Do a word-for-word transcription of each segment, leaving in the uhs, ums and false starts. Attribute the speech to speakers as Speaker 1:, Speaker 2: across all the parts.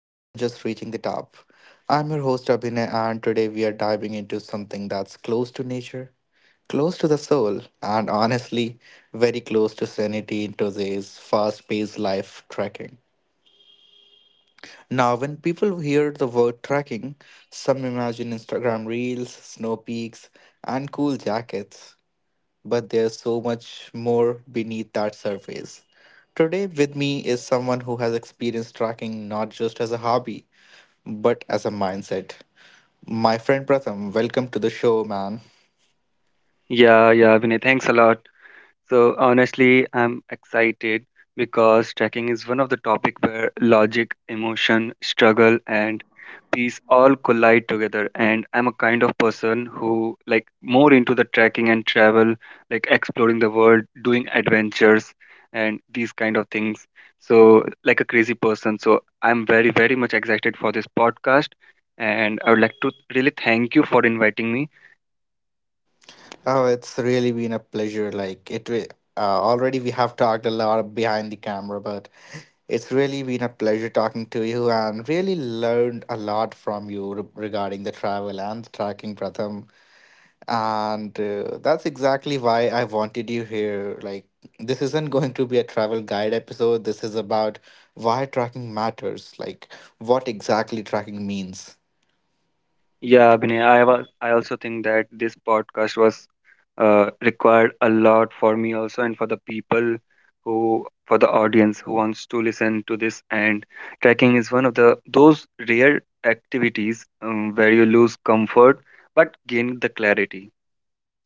Speaker 1: More Than Just Reaching the Top. I'm your host, Abhinay, and today we are diving into something that's close to nature, close to the soul, and honestly, very close to sanity in today's fast paced life trekking. Now, when people hear the word trekking, some imagine Instagram reels, snow peaks, and cool jackets but there's so much more beneath that surface. Today, with me is someone who has experienced tracking not just as a hobby, but as a mindset. My friend Pratham, welcome to the show, man.
Speaker 2: Yeah, yeah, Vinay, thanks a lot. So honestly, I'm excited because tracking is one of the topic where logic, emotion, struggle, and peace all collide together. And I'm a kind of person who like more into the trekking and travel, like exploring the world, doing adventures, and these kind of things. So like a crazy person. So I'm very, very much excited for this podcast, and I would like to really thank you for inviting me.
Speaker 1: Oh, it's really been a pleasure. Like it, re- uh, already we have talked a lot behind the camera, but it's really been a pleasure talking to you and really learned a lot from you re- regarding the travel and the tracking, Pratham. And uh, that's exactly why I wanted you here. Like, this isn't going to be a travel guide episode. This is about why tracking matters, like, what exactly tracking means.
Speaker 2: Yeah, Abhinay, I was, I also think that this podcast was uh, required a lot for me also and for the people who for the audience who wants to listen to this. And trekking is one of the those rare activities um, where you lose comfort but gain the clarity.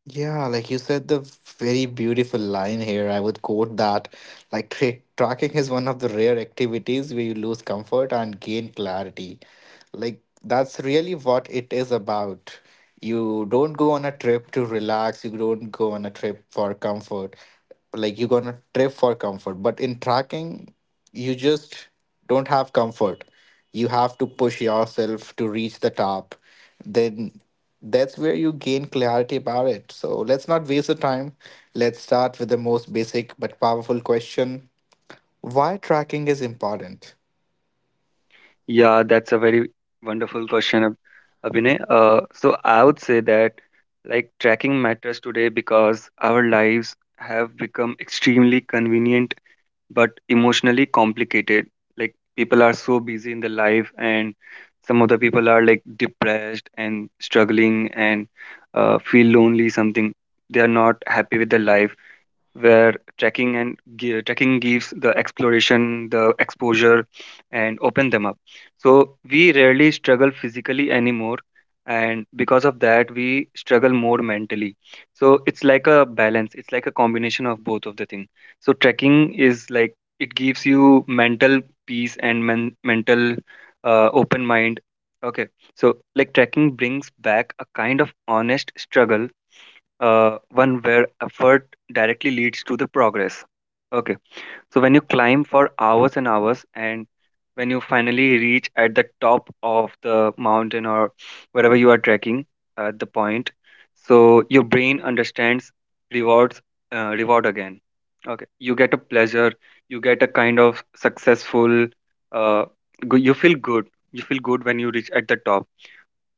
Speaker 1: Yeah, like you said, the very beautiful line here. I would quote that like tra- tracking is one of the rare activities where you lose comfort and gain clarity. Like, that's really what it is about. You don't go on a trip to relax, you don't go on a trip for comfort. Like, you go on a trip for comfort. But in tracking, you just don't have comfort. You have to push yourself to reach the top then that's where you gain clarity about it. So let's not waste the time. Let's start with the most basic but powerful question why tracking is important.
Speaker 2: Yeah, that's a very wonderful question, Ab- Abhinay. Uh, so I would say that like trekking matters today because our lives have become extremely convenient but emotionally complicated. Like people are so busy in their life, and some of the people are like depressed and struggling and uh, feel lonely. Something they are not happy with their life where trekking and gi- trekking gives the exploration, the exposure, and open them up. So we rarely struggle physically anymore, and because of that, we struggle more mentally. So it's like a balance. It's like a combination of both of the thing. So trekking is like it gives you mental peace and men- mental uh, open mind. Okay, so like trekking brings back a kind of honest struggle, uh, one where effort directly leads to the progress. Okay, so when you climb for hours and hours, and when you finally reach at the top of the mountain or wherever you are trekking at the point, so your brain understands rewards, uh, reward again. Okay, you get a pleasure, you get a kind of successful, uh, go- you feel good, you feel good when you reach at the top,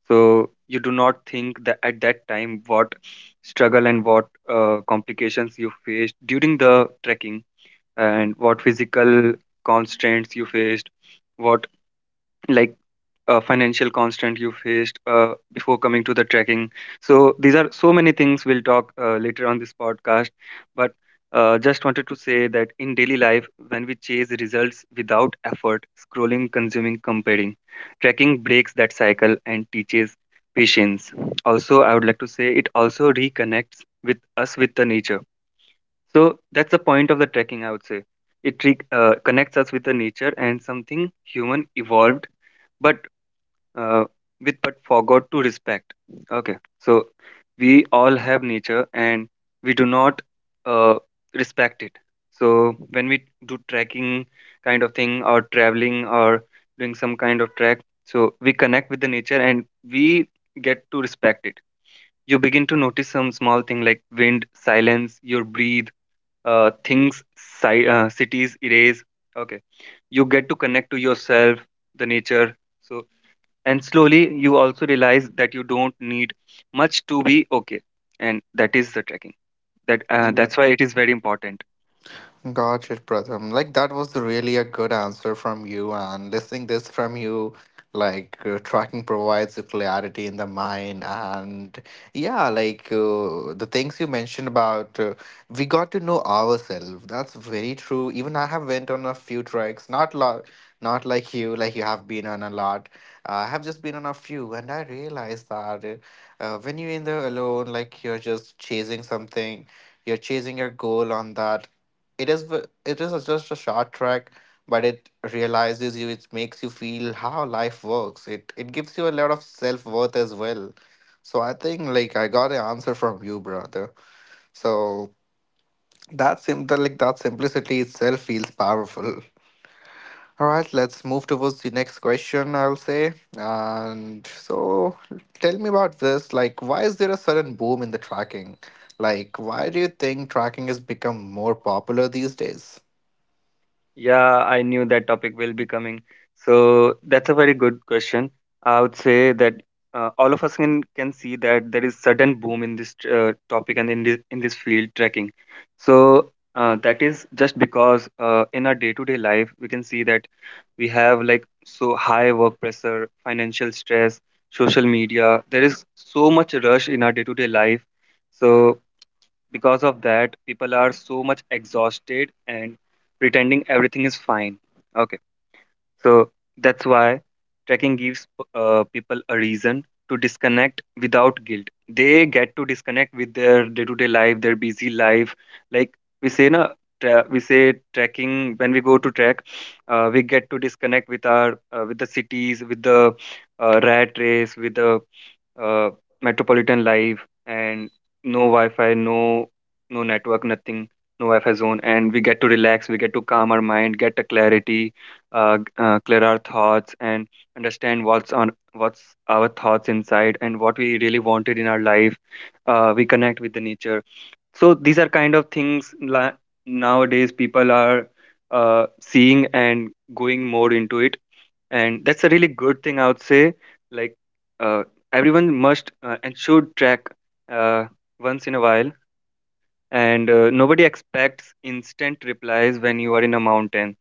Speaker 2: so you do not think that at that time what struggle and what uh, complications you faced during the trekking, and what physical constraints you faced, what like uh, financial constant you faced uh, before coming to the trekking. So these are so many things we'll talk uh, later on this podcast. But uh, just wanted to say that in daily life, when we chase results without effort, scrolling, consuming, comparing, trekking breaks that cycle and teaches patience. Also, I would like to say it also reconnects with us with the nature. So that's the point of the trekking, I would say. It re- uh, connects us with the nature and something human evolved but uh, with but forgot to respect. Okay, so we all have nature and we do not uh, respect it. So when we do trekking kind of thing or traveling or doing some kind of trek, so we connect with the nature and we get to respect it. You begin to notice some small thing like wind, silence, your breathe, uh, things, si- uh, cities, erase. Okay, you get to connect to yourself, the nature. So and slowly you also realize that you don't need much to be okay, and that is the trekking, that uh, that's why it is very important.
Speaker 1: Got it, brother. Like that was really a good answer from you, and listening this from you, like uh, tracking provides the clarity in the mind, and yeah, like uh, the things you mentioned about uh, we got to know ourselves. That's very true. Even I have went on a few treks, not lot, not like you, like you have been on a lot. I have just been on a few, and I realized that uh, uh, when you're in the alone, like you're just chasing something you're chasing your goal on that it is v- it is just a short track but it realizes you it makes you feel how life works it it gives you a lot of self-worth as well. So I think like I got an answer from you, brother. So that simple, like that simplicity itself feels powerful. All right, let's move towards the next question, I'll say. And so tell me about this, like why is there a sudden boom in the tracking, like why do you think tracking has become more popular these days?
Speaker 2: Yeah, I knew that topic will be coming. So that's a very good question. I would say that uh, all of us can can see that there is sudden boom in this uh, topic and in this in this field trekking. So uh, that is just because uh, in our day-to-day life we can see that we have like so high work pressure, financial stress, social media. There is so much rush in our day-to-day life. So because of that, people are so much exhausted and pretending everything is fine. Okay, so that's why trekking gives uh, people a reason to disconnect without guilt. They get to disconnect with their day-to-day life, their busy life. Like we say, na, tra- we say trekking when we go to trek, uh, we get to disconnect with our uh, with the cities, with the uh, rat race, with the uh, metropolitan life, and no wi-fi, no no network, nothing, no wi-fi zone. And we get to relax, we get to calm our mind, get a clarity, uh, uh, clear our thoughts and understand what's on what's our thoughts inside and what we really wanted in our life. Uh, we connect with the nature. So these are kind of things, la- nowadays people are uh, seeing and going more into it, and that's a really good thing, I would say. Like uh, everyone must uh, and should track uh, once in a while. And uh, nobody expects instant replies when you are in a mountain.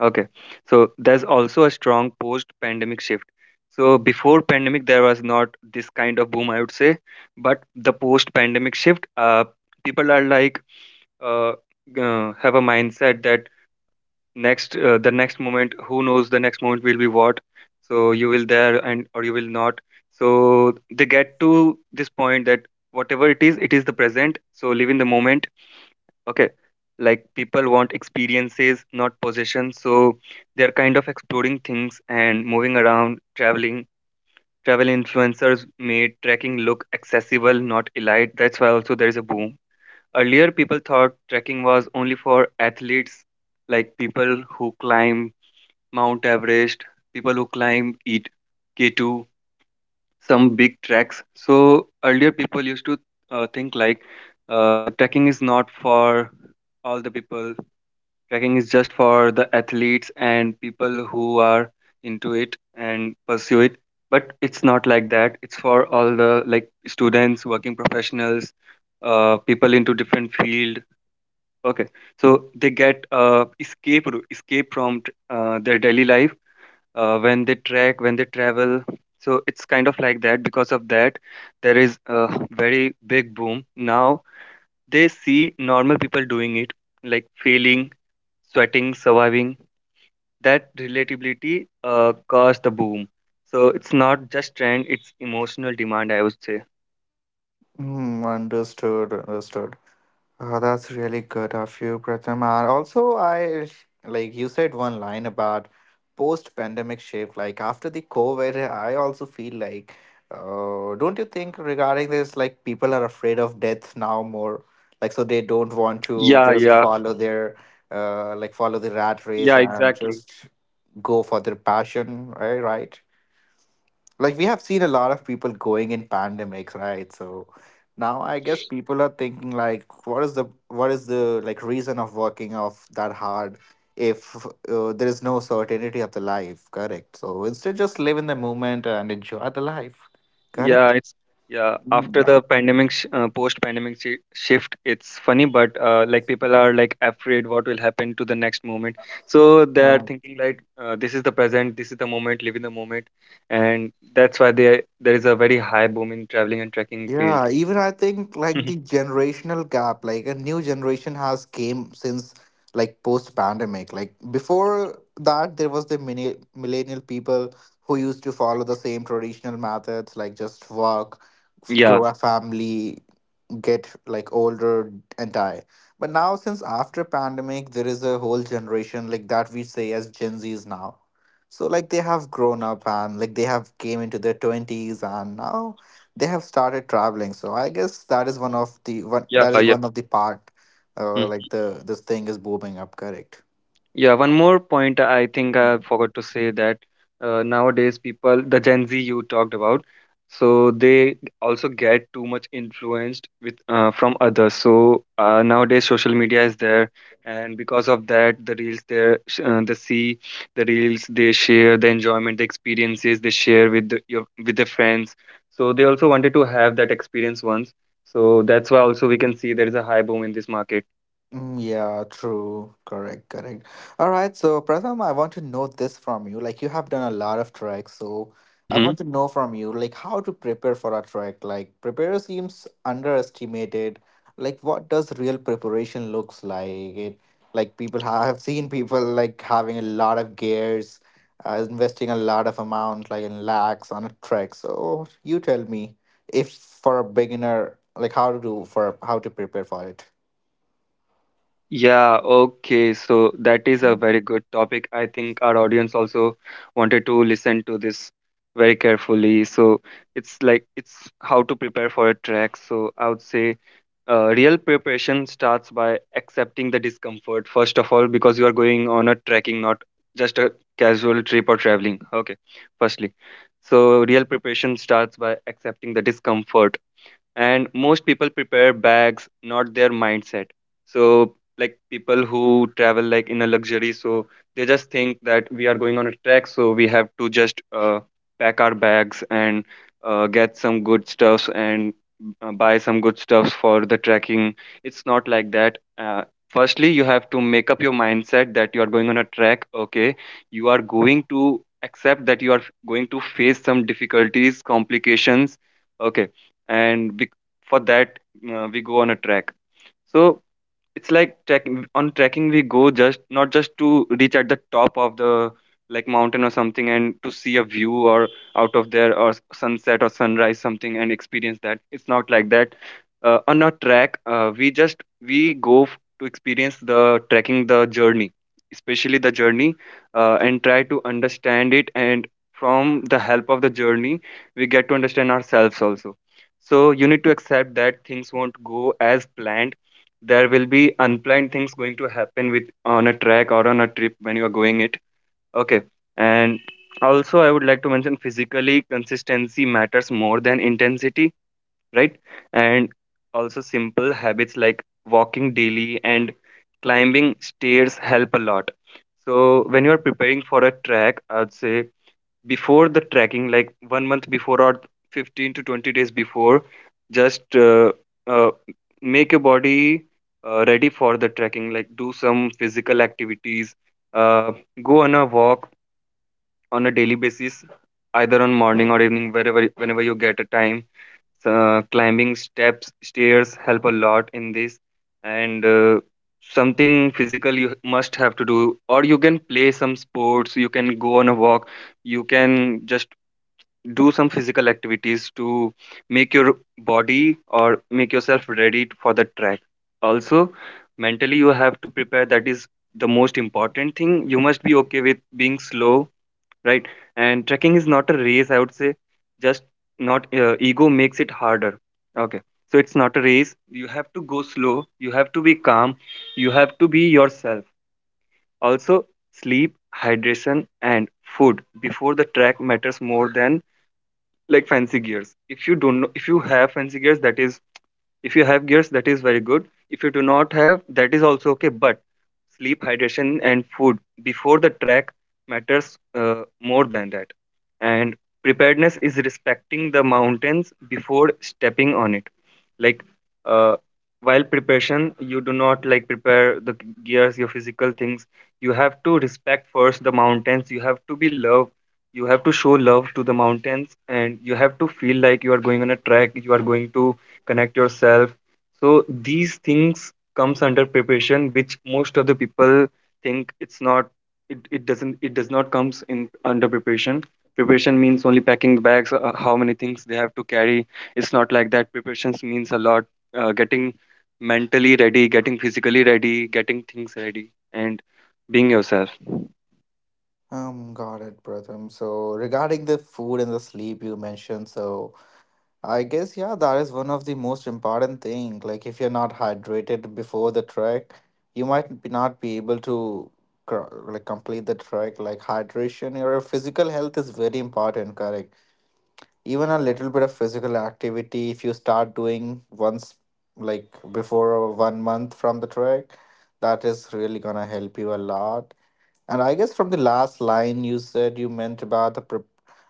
Speaker 2: Okay, so there's also a strong post pandemic shift. So before pandemic there was not this kind of boom, I would say, but the post pandemic shift, uh, people are like, uh, uh, have a mindset that next uh, the next moment, who knows the next moment will be what, so you will there and or you will not. So they get to this point that whatever it is, it is the present, so live in the moment. Okay, like people want experiences, not possession. So they're kind of exploring things and moving around, traveling. Travel influencers made trekking look accessible, not elite. That's why also there is a boom. Earlier people thought trekking was only for athletes, like people who climb Mount Everest, people who climb it, K two, some big treks. So earlier people used to uh, think like uh, trekking is not for all the people. Trekking is just for the athletes and people who are into it and pursue it. But it's not like that. It's for all the like students, working professionals, uh, people into different field. Okay, so they get uh, escape route- escape from uh, their daily life uh, when they trek, when they travel. So it's kind of like that. Because of that, there is a very big boom. Now they see normal people doing it, like failing, sweating, surviving. That relatability uh, caused the boom. So it's not just trend, it's emotional demand, I would say.
Speaker 1: Hmm, understood, understood. Uh, That's really good of you, Pratham. And also, I like you said one line about post-pandemic shift. Like after the COVID, I also feel like, uh, don't you think regarding this, like people are afraid of death now more, like so they don't want to
Speaker 2: Yeah,
Speaker 1: just
Speaker 2: yeah,
Speaker 1: follow their, uh, like follow the rat race
Speaker 2: yeah,
Speaker 1: and
Speaker 2: exactly.
Speaker 1: just go for their passion, right? Right. Like we have seen a lot of people going in pandemics, right? So now I guess people are thinking like, what is the what is the like reason of working off that hard if uh, there is no certainty of the life? Correct. So instead, just live in the moment and enjoy the life.
Speaker 2: Yeah,
Speaker 1: Correct.
Speaker 2: it's yeah.
Speaker 1: Mm,
Speaker 2: After
Speaker 1: yeah.
Speaker 2: the pandemic, sh uh, post-pandemic shi shift, it's funny, but uh, like people are like afraid what will happen to the next moment. So they're
Speaker 1: Yeah.
Speaker 2: thinking like, uh, this is the present, this is the moment, live in the moment, and that's why there there is a very high boom in traveling and trekking field.
Speaker 1: Yeah, even I think like the generational gap, like a new generation has came since like post pandemic. Like before that, there was the mini millennial people who used to follow the same traditional methods, like just work, f-
Speaker 2: Yeah,
Speaker 1: grow a family, get like older and die. But now since after pandemic there is a whole generation like that we say as gen z's now. So like they have grown up and like they have came into their twenties and now they have started traveling, so I guess that is one of the one
Speaker 2: yeah,
Speaker 1: that is
Speaker 2: yeah.
Speaker 1: one of the part, uh, like the this thing is booming up, correct.
Speaker 2: Yeah, one more point I think I forgot to say that uh, nowadays people, the Gen Z you talked about, so they also get too much influenced with uh, from others. So uh, nowadays social media is there, and because of that, the reels there, uh, they see the reels they share, the enjoyment, the experiences they share with the, your with their friends. So they also wanted to have that experience once. So that's why also we can see there is a high boom in this market.
Speaker 1: Mm, yeah, true. Correct, correct. All right, so Pratham, I want to know this from you. Like you have done a lot of treks, so I want to know from you, like how to prepare for a trek. Like prepare seems underestimated. Like what does real preparation looks like? It like people ha- have seen people like having a lot of gears, uh, investing a lot of amount, like in lakhs on a trek. So you tell me if for a beginner, like how to do for how to prepare for it.
Speaker 2: Yeah, okay. So that is a very good topic. I think our audience also wanted to listen to this very carefully. So it's like it's how to prepare for a track. So I would say uh, real preparation starts by accepting the discomfort first of all, because you are going on a trekking, not just a casual trip or traveling. Okay, firstly. So real preparation starts by accepting the discomfort, and most people prepare bags, not their mindset. So like people who travel like in a luxury, so they just think that we are going on a trek, so we have to just uh, pack our bags and uh, get some good stuffs and uh, buy some good stuffs for the trekking. It's not like that. Uh, firstly, you have to make up your mindset that you are going on a trek. Okay, you are going to accept that you are going to face some difficulties, complications. Okay. and bec For that, uh, we go on a track. So it's like trekking on trekking we go just not just to reach at the top of the like mountain or something and to see a view or out of there or s- sunset or sunrise something and experience that. It's not like that. Uh, on a track, uh, we just we go f- to experience the trekking, the journey, especially the journey, uh, and try to understand it, and from the help of the journey we get to understand ourselves also. So you need to accept that things won't go as planned. There will be unplanned things going to happen with on a track or on a trip when you are going it. Okay. And also I would like to mention physically consistency matters more than intensity, right? And also simple habits like walking daily and climbing stairs help a lot. So when you are preparing for a track, I'd say before the trekking, like one month before or fifteen to twenty days before, just uh, uh, make your body uh, ready for the trekking. Like do some physical activities, uh, go on a walk on a daily basis, either on morning or evening, wherever, whenever you get a time. Uh, climbing steps, stairs help a lot in this. And uh, something physical you must have to do, or you can play some sports, you can go on a walk, you can just do some physical activities to make your body or make yourself ready for the track. Also mentally you have to prepare. That is the most important thing. You must be okay with being slow, right? And trekking is not a race, I would say. Just not, uh, ego makes it harder. Okay, so it's not a race. You have to go slow, you have to be calm, you have to be yourself. Also, sleep, hydration, and food before the track matters more than like fancy gears. If you don't know, if you have fancy gears, that is, if you have gears, that is very good. If you do not have, that is also okay. But sleep, hydration, and food before the track matters uh, more than that. And preparedness is respecting the mountains before stepping on it. Like uh, while preparation, you do not like prepare the gears, your physical things. You have to respect first the mountains. You have to be love. You have to show love to the mountains, and you have to feel like you are going on a track. You are going to connect yourself. So these things comes under preparation, which most of the people think it's not. It, it doesn't it does not comes in under preparation. Preparation means only packing the bags, uh, how many things they have to carry. It's not like that. Preparations means a lot. Uh, getting mentally ready, getting physically ready, getting things ready, and being yourself.
Speaker 1: Um, got it, Pratham. So regarding the food and the sleep you mentioned, so I guess yeah, that is one of the most important thing. Like if you're not hydrated before the trek, you might be not be able to cr- like complete the trek. Like hydration, your physical health is very important, correct?
Speaker 2: Yeah.
Speaker 1: Even a little bit of physical activity, if you start doing once, like before one month from the trek, that is really gonna help you a lot. And I guess from the last line you said you meant about the pre-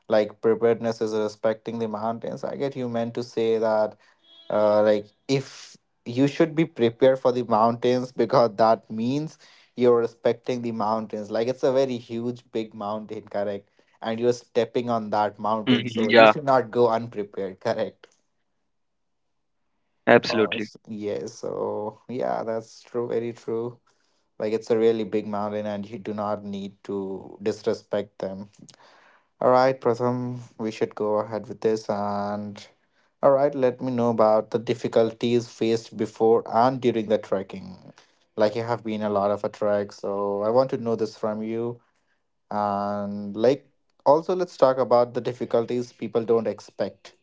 Speaker 1: like preparedness is respecting the mountains. I get you meant to say that uh, like if you should be prepared for the mountains because that means you're respecting the mountains. Like it's a very huge big mountain, correct? And you're stepping on that mountain,
Speaker 2: Mhm,
Speaker 1: so you
Speaker 2: yeah,
Speaker 1: should not go unprepared, correct? Oh,
Speaker 2: absolutely.
Speaker 1: it's- yes. So yeah, that's true. Very true. Like it's a really big mountain, and you do not need to disrespect them. All right, Pratham, we should go ahead with this. And all right, let me know about the difficulties faced before and during the trekking. Like you have been a lot of a trek, so I want to know this from you. And like, also let's talk about the difficulties people don't expect.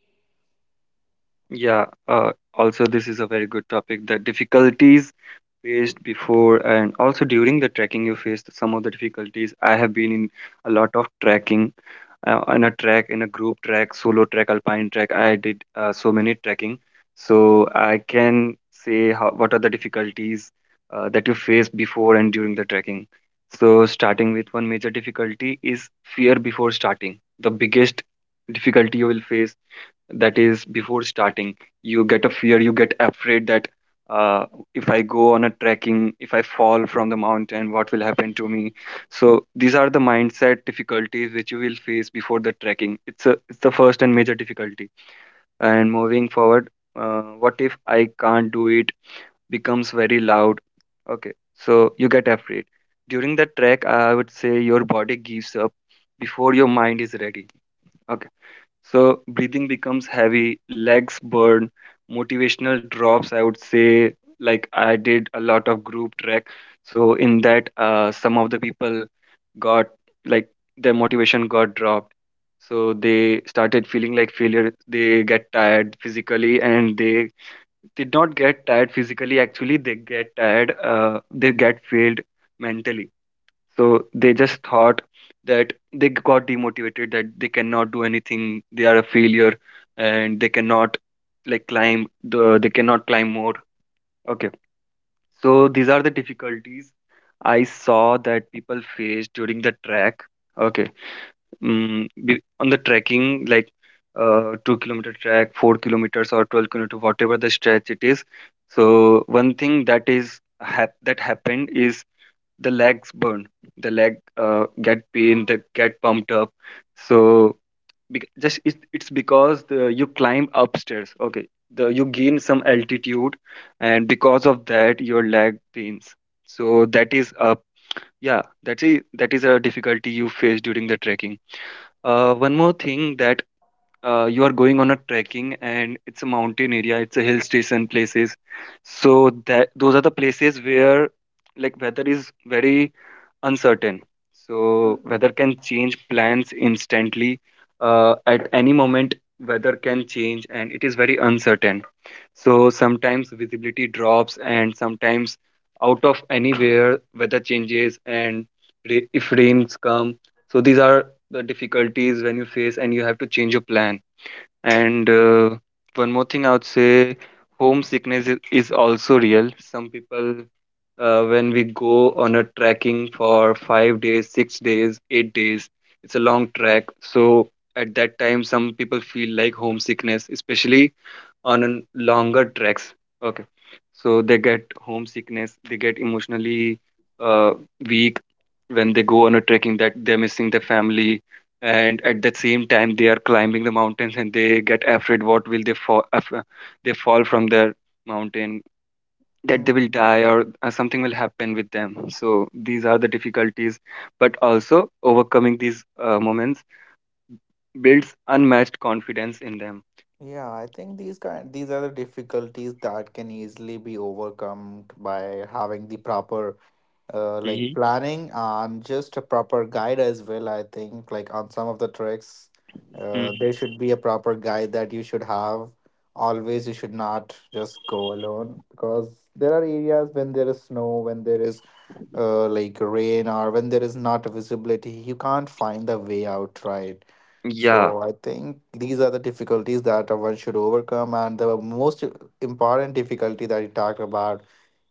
Speaker 2: Yeah, uh, also this is a very good topic, the difficulties faced before and also during the trekking. You faced some of the difficulties. I have been in a lot of trekking, uh, in a trek, in a group trek, solo trek, alpine trek. I did uh, so many trekking. So I can say how, what are the difficulties uh, that you face before and during the trekking. So starting with, one major difficulty is fear before starting. The biggest difficulty you will face, that is before starting, you get a fear, you get afraid that uh, if I go on a trekking, if I fall from the mountain, what will happen to me? So these are the mindset difficulties which you will face before the trekking. It's a, it's the first and major difficulty. And moving forward, uh, what if I can't do it becomes very loud. Okay, so you get afraid. During the trek, I would say your body gives up before your mind is ready. Okay. So breathing becomes heavy, legs burn, motivational drops. I would say, like I did a lot of group trek. So in that, uh, some of the people got like their motivation got dropped. So they started feeling like failure. They get tired physically, and they did not get tired physically. Actually, they get tired. Uh, they get failed mentally. So they just thought that they got demotivated, that they cannot do anything, they are a failure, and they cannot like climb the, they cannot climb more. Okay. So these are the difficulties I saw that people face during the trek. Okay. Mm, be- on the trekking, like uh, two kilometer track, four kilometers or twelve kilometer, whatever the stretch it is. So one thing that is hap- that happened is the legs burn, the leg uh, get pain, that get pumped up. So bec- just it, it's because the, you climb upstairs. Okay, the you gain some altitude, and because of that your leg pains. So that is a, yeah, that's a that is a difficulty you face during the trekking. Uh, one more thing, that uh, you are going on a trekking and it's a mountain area, it's a hill station places. So that, those are the places where like weather is very uncertain. So weather can change plans instantly, uh, at any moment. Weather can change, and it is very uncertain. So sometimes visibility drops, and sometimes out of anywhere weather changes, and ra- if rains come. So these are the difficulties when you face, and you have to change your plan. And uh, one more thing, I would say homesickness is is also real. Some people, uh, when we go on a trekking for five days, six days, eight days, it's a long trek. So at that time, some people feel like homesickness, especially on an longer treks. Okay. So they get homesickness, they get emotionally uh, weak when they go on a trekking, that they're missing their family. And at the same time, they are climbing the mountains and they get afraid what will they fall, if, uh, they fall from their mountain, that they will
Speaker 1: Mhm.
Speaker 2: die or uh, something will happen with them. So these are the difficulties. But also overcoming these uh, moments builds unmatched confidence in them.
Speaker 1: Yeah, I think these kind these are the difficulties that can easily be overcome by having the proper uh, like
Speaker 2: Hmm.
Speaker 1: planning and just a proper guide as well. I think like on some of the tricks, uh, there
Speaker 2: Hmm.
Speaker 1: should be a proper guide that you should have. Always, you should not just go alone because there are areas when there is snow, when there is uh, like rain, or when there is not visibility, you can't find the way out, right?
Speaker 2: Yeah.
Speaker 1: So I think these are the difficulties that uh, one should overcome, and the most important difficulty that you talked about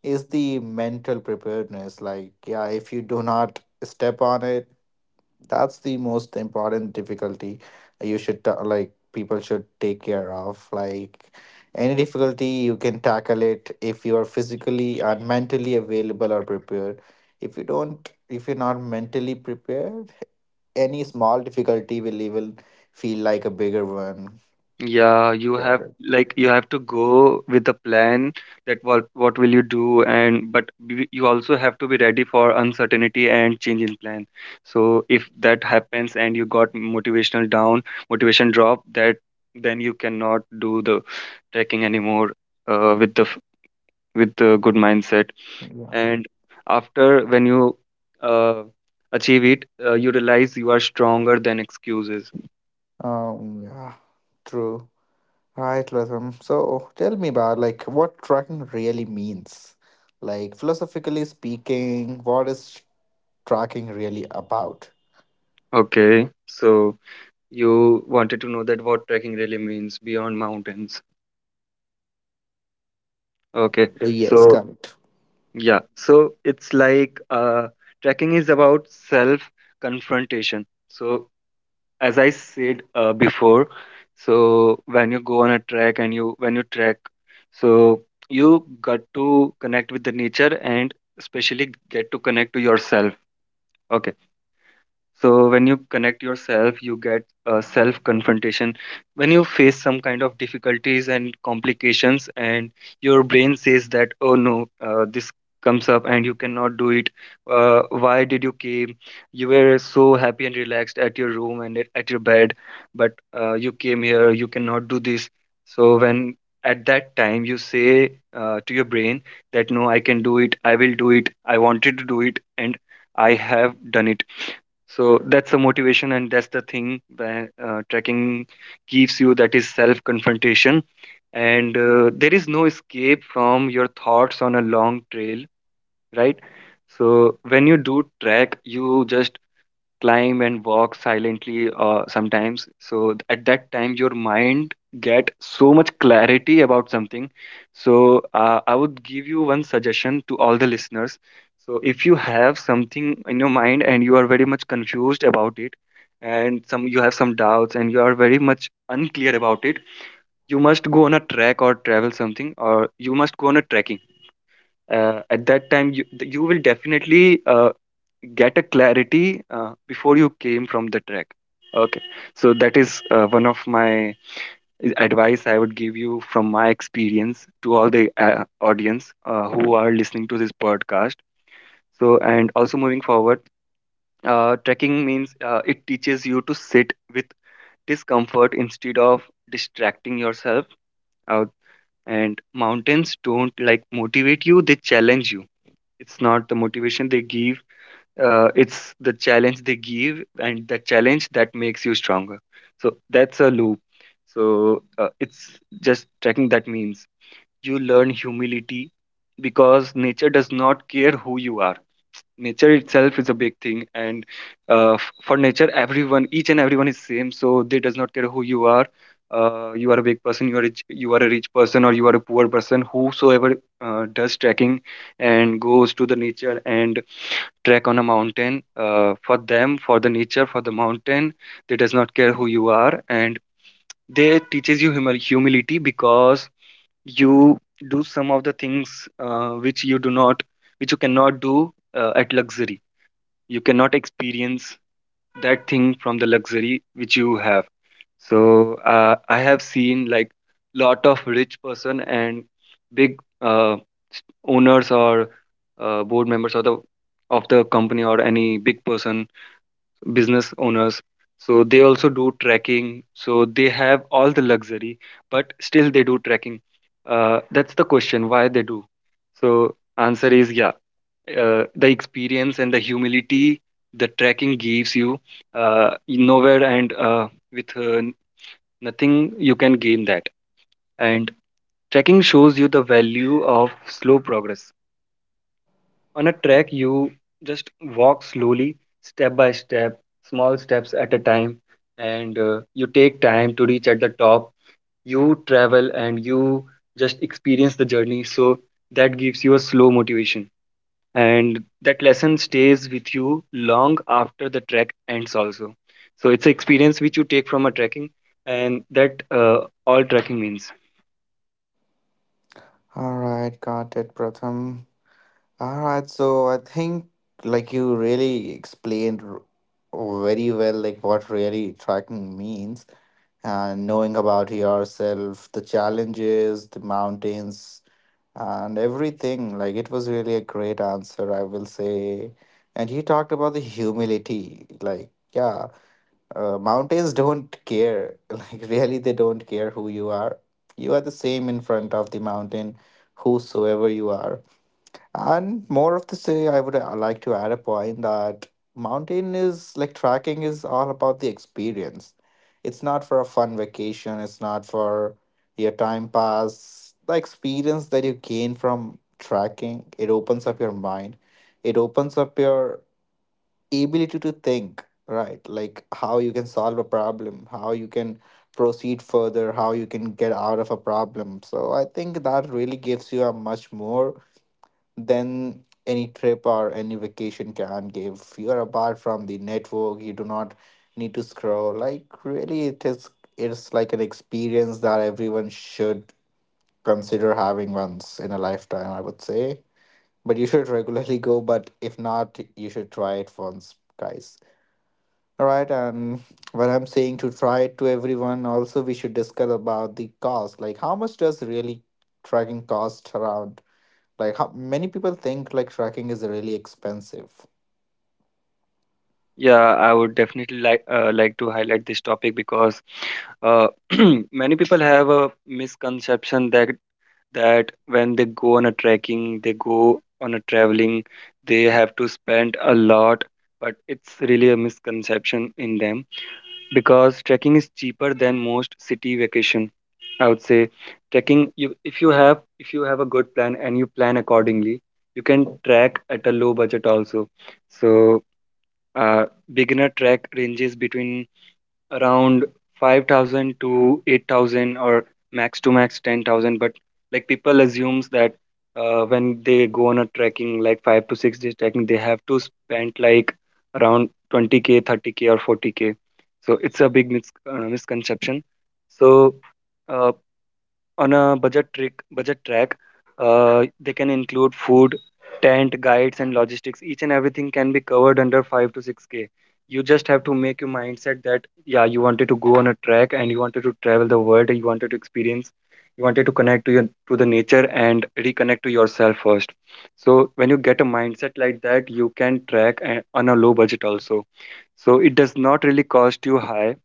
Speaker 1: is the mental preparedness. Like, yeah, if you do not step on it, that's the most important difficulty you should ta- like people should take care of. Like any difficulty, you can tackle it if you are physically and mentally available or prepared. If you don't, if you're not mentally prepared any small difficulty will even feel like a bigger one.
Speaker 2: Yeah, you
Speaker 1: Yeah.
Speaker 2: have like you have to go with a plan, that what what will you do. And but b- you also have to be ready for uncertainty and change in plan. So if that happens and you got motivational down, motivation drop, that then you cannot do the trekking anymore, uh, with the f- with the good mindset.
Speaker 1: Yeah.
Speaker 2: And after, when you uh, achieve it, uh, you realize you are stronger than excuses.
Speaker 1: Um, yeah. True. Right, Latham. So tell me about like what tracking really means. Like philosophically speaking, what is tracking really about?
Speaker 2: Okay, so. You wanted to know that what trekking really means beyond mountains. Okay.
Speaker 1: Uh, Yes,
Speaker 2: So,
Speaker 1: got it.
Speaker 2: yeah. So it's like uh, trekking is about self confrontation. So, as I said uh, before, so when you go on a trek and you, when you trek, so you got to connect with the nature and especially get to connect to yourself. Okay. So when you connect yourself, you get uh, self confrontation. When you face some kind of difficulties and complications, and your brain says that, oh no, uh, this comes up and you cannot do it. Uh, why did you came? You were so happy and relaxed at your room and at at your bed, but uh, you came here, you cannot do this. So when at that time you say uh, to your brain that no, I can do it, I will do it, I wanted to do it, and I have done it. So that's the motivation, and that's the thing that uh, trekking gives you, that is self confrontation. And uh, there is no escape from your thoughts on a long trail, right? So when you do trek, you just climb and walk silently uh, sometimes. So th- at that time your mind get so much clarity about something. So uh, I would give you one suggestion to all the listeners. So if you have something in your mind and you are very much confused about it, and some, you have some doubts and you are very much unclear about it, you must go on a trek or travel something, or you must go on a trekking. Uh, at that time, you, you will definitely uh, get a clarity uh, before you came from the trek. Okay. So that is uh, one of my uh, advice I would give you from my experience to all the uh, audience uh, who are listening to this podcast. So, and also moving forward, uh, trekking means uh, it teaches you to sit with discomfort instead of distracting yourself out. And mountains don't like motivate you, they challenge you. It's not the motivation they give, uh, it's the challenge they give, and the challenge that makes you stronger. So that's a loop. So uh, it's just tracking, that means you learn humility, because nature does not care who you are. Nature itself is a big thing, and uh, f- for nature everyone, each and everyone is same, so they does not care who you are. Uh, you are a big person, you are rich, you are a rich person or you are a poor person, whosoever uh, does trekking and goes to the nature and trek on a mountain, uh, for them, for the nature, for the mountain, they does not care who you are, and they teaches you humil- humility, because you do some of the things uh, which you do not, which you cannot do uh, at luxury. You cannot experience that thing from the luxury which you have. So uh, I have seen like lot of rich person and big uh, owners or uh, board members of the, of the company, or any big person, business owners, so They also do trekking, so they have all the luxury, but still they do trekking. Uh, that's the question, why they do. So answer is, yeah, uh, the experience and the humility the trekking gives you uh, nowhere, and uh, with uh, nothing you can gain that. And trekking shows you the value of slow progress. On a trek, you just walk slowly, step by step, small steps at a time, and uh, you take time to reach at the top. You travel and you just experience the journey. So that gives you a slow motivation. And that lesson stays with you long after the trek ends, also. So it's an experience which you take from a trekking, and that uh, all trekking means.
Speaker 1: All right, got it, Pratham. All right, so I think like you really explained r- very well like what really tracking means and knowing about yourself, the challenges, the mountains, and everything. Like it was really a great answer, I will say. And you talked about the humility. Like, yeah, uh, mountains don't care. Like, really, they don't care who you are. You are the same in front of the mountain, whosoever you are. And more of the say, I would uh, like to add a point that mountain is like tracking is all about the experience. It's not for a fun vacation, it's not for your time pass. The experience that you gain from tracking, it opens up your mind. It opens up your ability to think, right? Like how you can solve a problem, how you can proceed further, how you can get out of a problem. So I think that really gives you a much more than any trip or any vacation can give. You're apart from the network. You do not need to scroll. Like really, it is it's like an experience that everyone should consider having once in a lifetime. I would say, but you should regularly go. But if not, you should try it once, guys. All right, and when I'm saying to try it to everyone, also we should discuss about the cost. Like, how much does really tracking cost around? Like how many people think like tracking is really expensive.
Speaker 2: Yeah, I would definitely like uh, like to highlight this topic because, uh, many people have a misconception that that when they go on a trekking, they go on a traveling, they have to spend a lot, but it's really a misconception in them because trekking is cheaper than most city vacation. I would say trekking you if you have if you have a good plan and you plan accordingly, you can track at a low budget also. So uh, beginner track ranges between around five thousand to eight thousand or max to max ten thousand. But like people assumes that, uh, when they go on a trekking, like five to six days trekking, they have to spend like around twenty k, thirty k, or forty k. So it's a big mis- uh, misconception. So uh on a budget trick budget track, uh, they can include food, tent, guides and logistics. Each and everything can be covered under five to six k. You just have to make your mindset that yeah, you wanted to go on a trek and you wanted to travel the world, you wanted to experience, you wanted to connect to your to the nature and reconnect to yourself first. So when you get a mindset like that, you can track a- on a low budget also. So it does not really cost you high.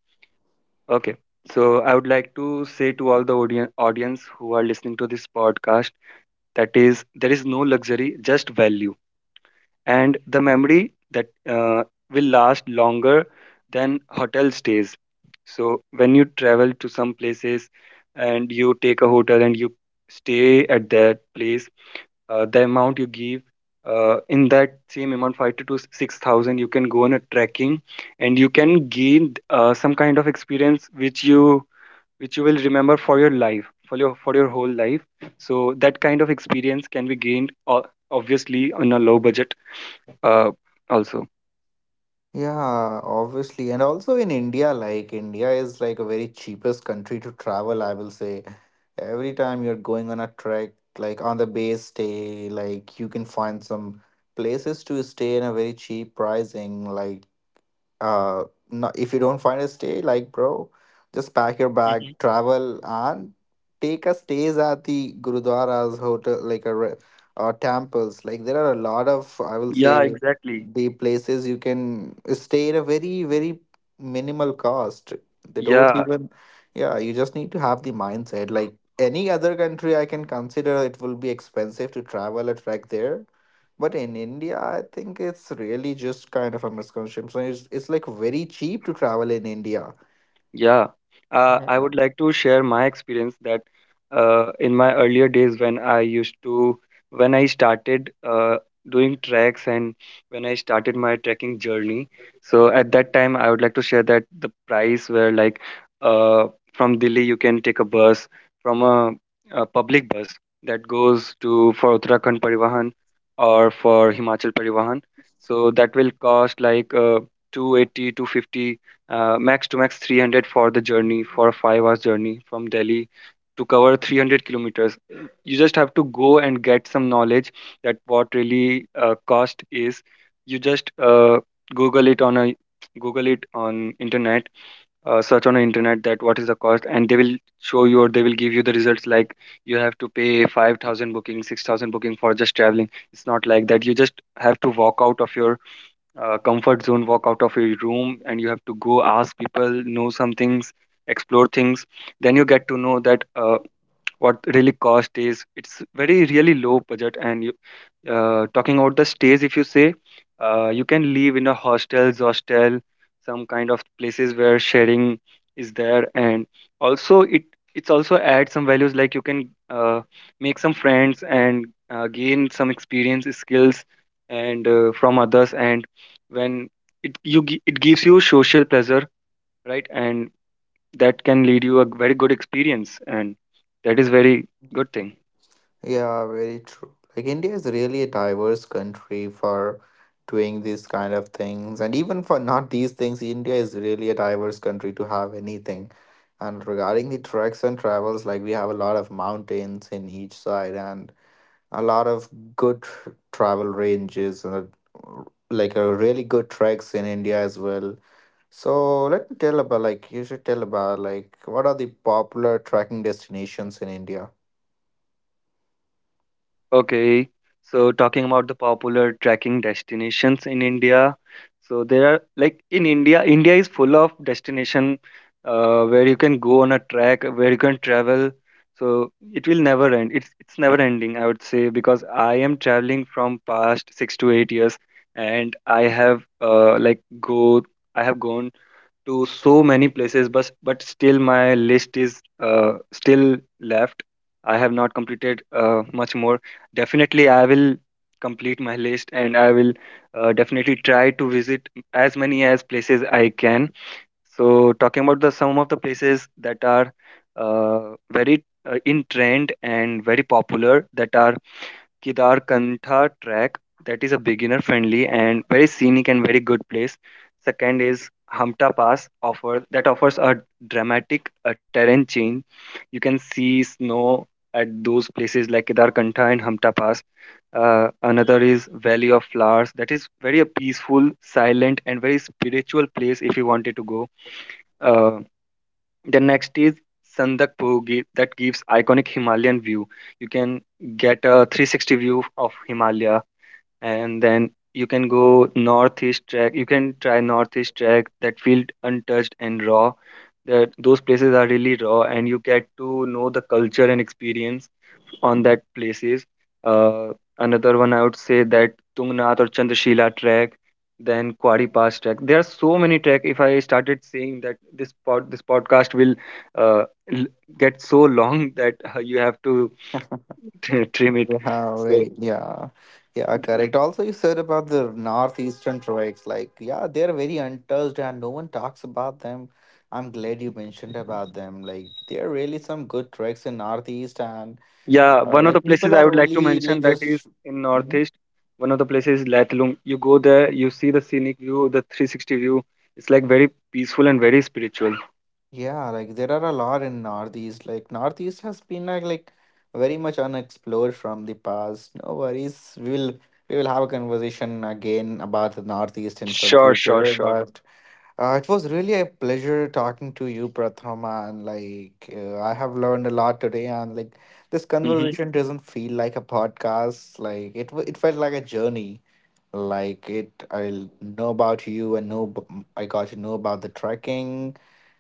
Speaker 2: Okay. So I would like to say to all the audi- audience who are listening to this podcast, that is, there is no luxury, just value, and the memory that uh, will last longer than hotel stays. So when you travel to some places and you take a hotel and you stay at that place, uh, the amount you give, uh, in that same amount, five to six thousand, you can go on a trekking and you can gain uh, some kind of experience which you which you will remember for your life, for your for your whole life. So that kind of experience can be gained, o- obviously, on a low budget, uh, also.
Speaker 1: Yeah, obviously. And also in India, like India is like a very cheapest country to travel, I will say. Every time you're going on a trek, like on the base stay, like you can find some places to stay in a very cheap pricing. Like uh no, if you don't find a stay like bro just pack your bag
Speaker 2: Hmm.
Speaker 1: travel and take a stays at the gurudwaras hotel like a re- uh, temples, like there are a lot of I will
Speaker 2: Yeah,
Speaker 1: say
Speaker 2: exactly.
Speaker 1: the places you can stay at a very very minimal cost, they don't
Speaker 2: Yeah.
Speaker 1: even. Yeah, you just need to have the mindset like any other country I can consider it will be expensive to travel a trek there, but in India, I think it's really just kind of a misconception. So It's, it's like very cheap to travel in India.
Speaker 2: Yeah, uh, I
Speaker 1: Yeah.
Speaker 2: would like to share my experience that, uh, in my earlier days when I used to, when I started uh, doing treks and when I started my trekking journey. So at that time, I would like to share that the price were like, uh, from Delhi, you can take a bus from a, a public bus that goes to for Uttarakhand Parivahan or for Himachal Parivahan. So that will cost like, uh, two eighty, uh, max to max three hundred for the journey, for a five hours journey from Delhi to cover three hundred kilometers. You just have to go and get some knowledge that what really uh, cost is. You just uh, google it on a google it on internet, uh, search on the internet that what is the cost, and they will show you or they will give you the results like you have to pay five thousand booking, six thousand booking for just traveling. It's not like that. You just have to walk out of your uh, comfort zone, walk out of your room, and you have to go ask people, know some things, explore things. Then you get to know that uh, what really cost is. It's very really low budget. And you, uh, talking about the stays, if you say, uh, you can live in a hostels hostel, some kind of places where sharing is there. And also it it's also add some values, like you can uh, make some friends and uh, gain some experience, skills and uh, from others. And when it you gi- it gives you social pleasure, right? And that can lead you a very good experience, and that is very good thing.
Speaker 1: Yeah, very true. Like India is really a diverse country for doing these kind of things. And even for not these things, India is really a diverse country to have anything. And regarding the treks and travels, like we have a lot of mountains in each side and a lot of good tr- travel ranges and uh, like a really good treks in India as well. So let me tell about like you should tell about like what are the popular trekking destinations in India?
Speaker 2: Okay, so talking about the popular trekking destinations in India, so there are like in India, India is full of destination, uh, where you can go on a trek, where you can travel. So it will never end. It's it's never ending, I would say, because I am traveling from past six to eight years, and I have uh, like go I have gone to so many places, but but still my list is, uh, still left. I have not completed, uh, much more definitely I will complete my list, and I will uh, definitely try to visit as many as places I can. So talking about the some of the places that are uh, very uh, in trend and very popular, that are Kedarkantha track. That is a beginner friendly and very scenic and very good place. Second is Hamta Pass offer that offers a dramatic uh, terrain change. You can see snow at those places like Kedarkantha and Hamta Pass. Uh, another is Valley of Flowers that is very a peaceful, silent and very spiritual place if you wanted to go. Uh, the next is Sandak that gives iconic Himalayan view. You can get a three sixty view of Himalaya. And then you can go northeast track you can try northeast track that field untouched and raw. That those places are really raw, and you get to know the culture and experience on that places. uh, Another one, I would say, that Tungnath or Chandrashila track, then Quarry Pass track. There are so many track. If I started saying that this pod this podcast will uh, l- get so long that uh, you have to trim it,
Speaker 1: Yeah,
Speaker 2: so.
Speaker 1: very yeah, yeah, correct. Also, you said about the northeastern treks, like yeah, they're very untouched and no one talks about them. I'm glad you mentioned about them. Like there are really some good treks in northeast, and
Speaker 2: Yeah,
Speaker 1: uh,
Speaker 2: one of
Speaker 1: like
Speaker 2: the places
Speaker 1: people
Speaker 2: I
Speaker 1: are
Speaker 2: would like to
Speaker 1: only like
Speaker 2: mention that
Speaker 1: just.
Speaker 2: is in
Speaker 1: Mm-hmm.
Speaker 2: Northeast. One of the places is Lathlum. You go there, you see the scenic view, the three sixty view. It's like very peaceful and very spiritual.
Speaker 1: Yeah, like there are a lot in Northeast. Like Northeast has been like, like very much unexplored from the past. No worries. We will we will have a conversation again about the Northeast in some
Speaker 2: Sure, sure,
Speaker 1: future.
Speaker 2: sure.
Speaker 1: But uh, it was really a pleasure talking to you, Prathama, and like uh, I have learned a lot today. And like this
Speaker 2: Hmm.
Speaker 1: conversation doesn't feel like a podcast. Like it wa- it felt like a journey. Like it, I know about you and know ab- I got to know about the trekking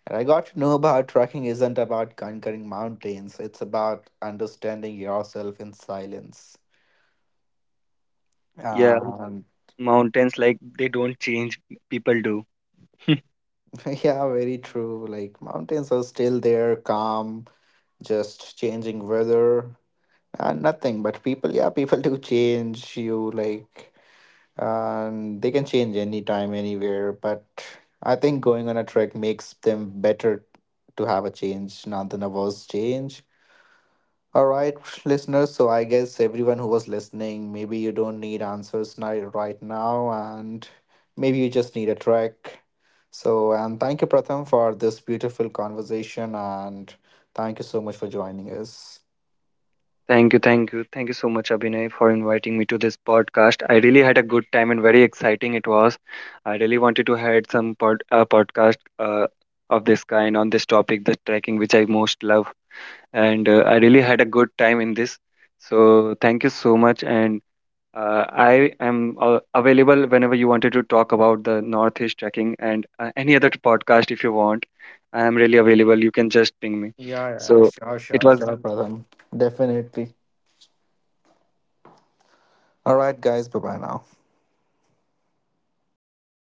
Speaker 1: and I got to know about trekking isn't about conquering mountains, it's about understanding yourself in silence.
Speaker 2: Yeah,
Speaker 1: Um,
Speaker 2: mountains like they don't change, people do.
Speaker 1: yeah, very true. Like, mountains are still there, calm, just changing weather and nothing. But people, yeah, people do change you, like, and they can change anytime, anywhere. But I think going on a trek makes them better to have a change, not than a worse change. All right, listeners. So I guess everyone who was listening, maybe you don't need answers ni- right now, and maybe you just need a track. So, and thank you, Pratham, for this beautiful conversation, and thank you so much for joining us.
Speaker 2: Thank you, thank you. Thank you so much, Abhinay, for inviting me to this podcast. I really had a good time, and very exciting it was. I really wanted to had some pod, uh, podcast, uh, of this kind on this topic, the trekking, which I most love. And uh, I really had a good time in this. So thank you so much, and uh, I am uh, available whenever you wanted to talk about the Northeast trekking and uh, any other podcast if you want. I am really available. You can just ping me.
Speaker 1: Yeah, yeah,
Speaker 2: So
Speaker 1: sure,
Speaker 2: it
Speaker 1: sure,
Speaker 2: was
Speaker 1: sure, Pratham. Definitely. All right, guys. Bye bye now.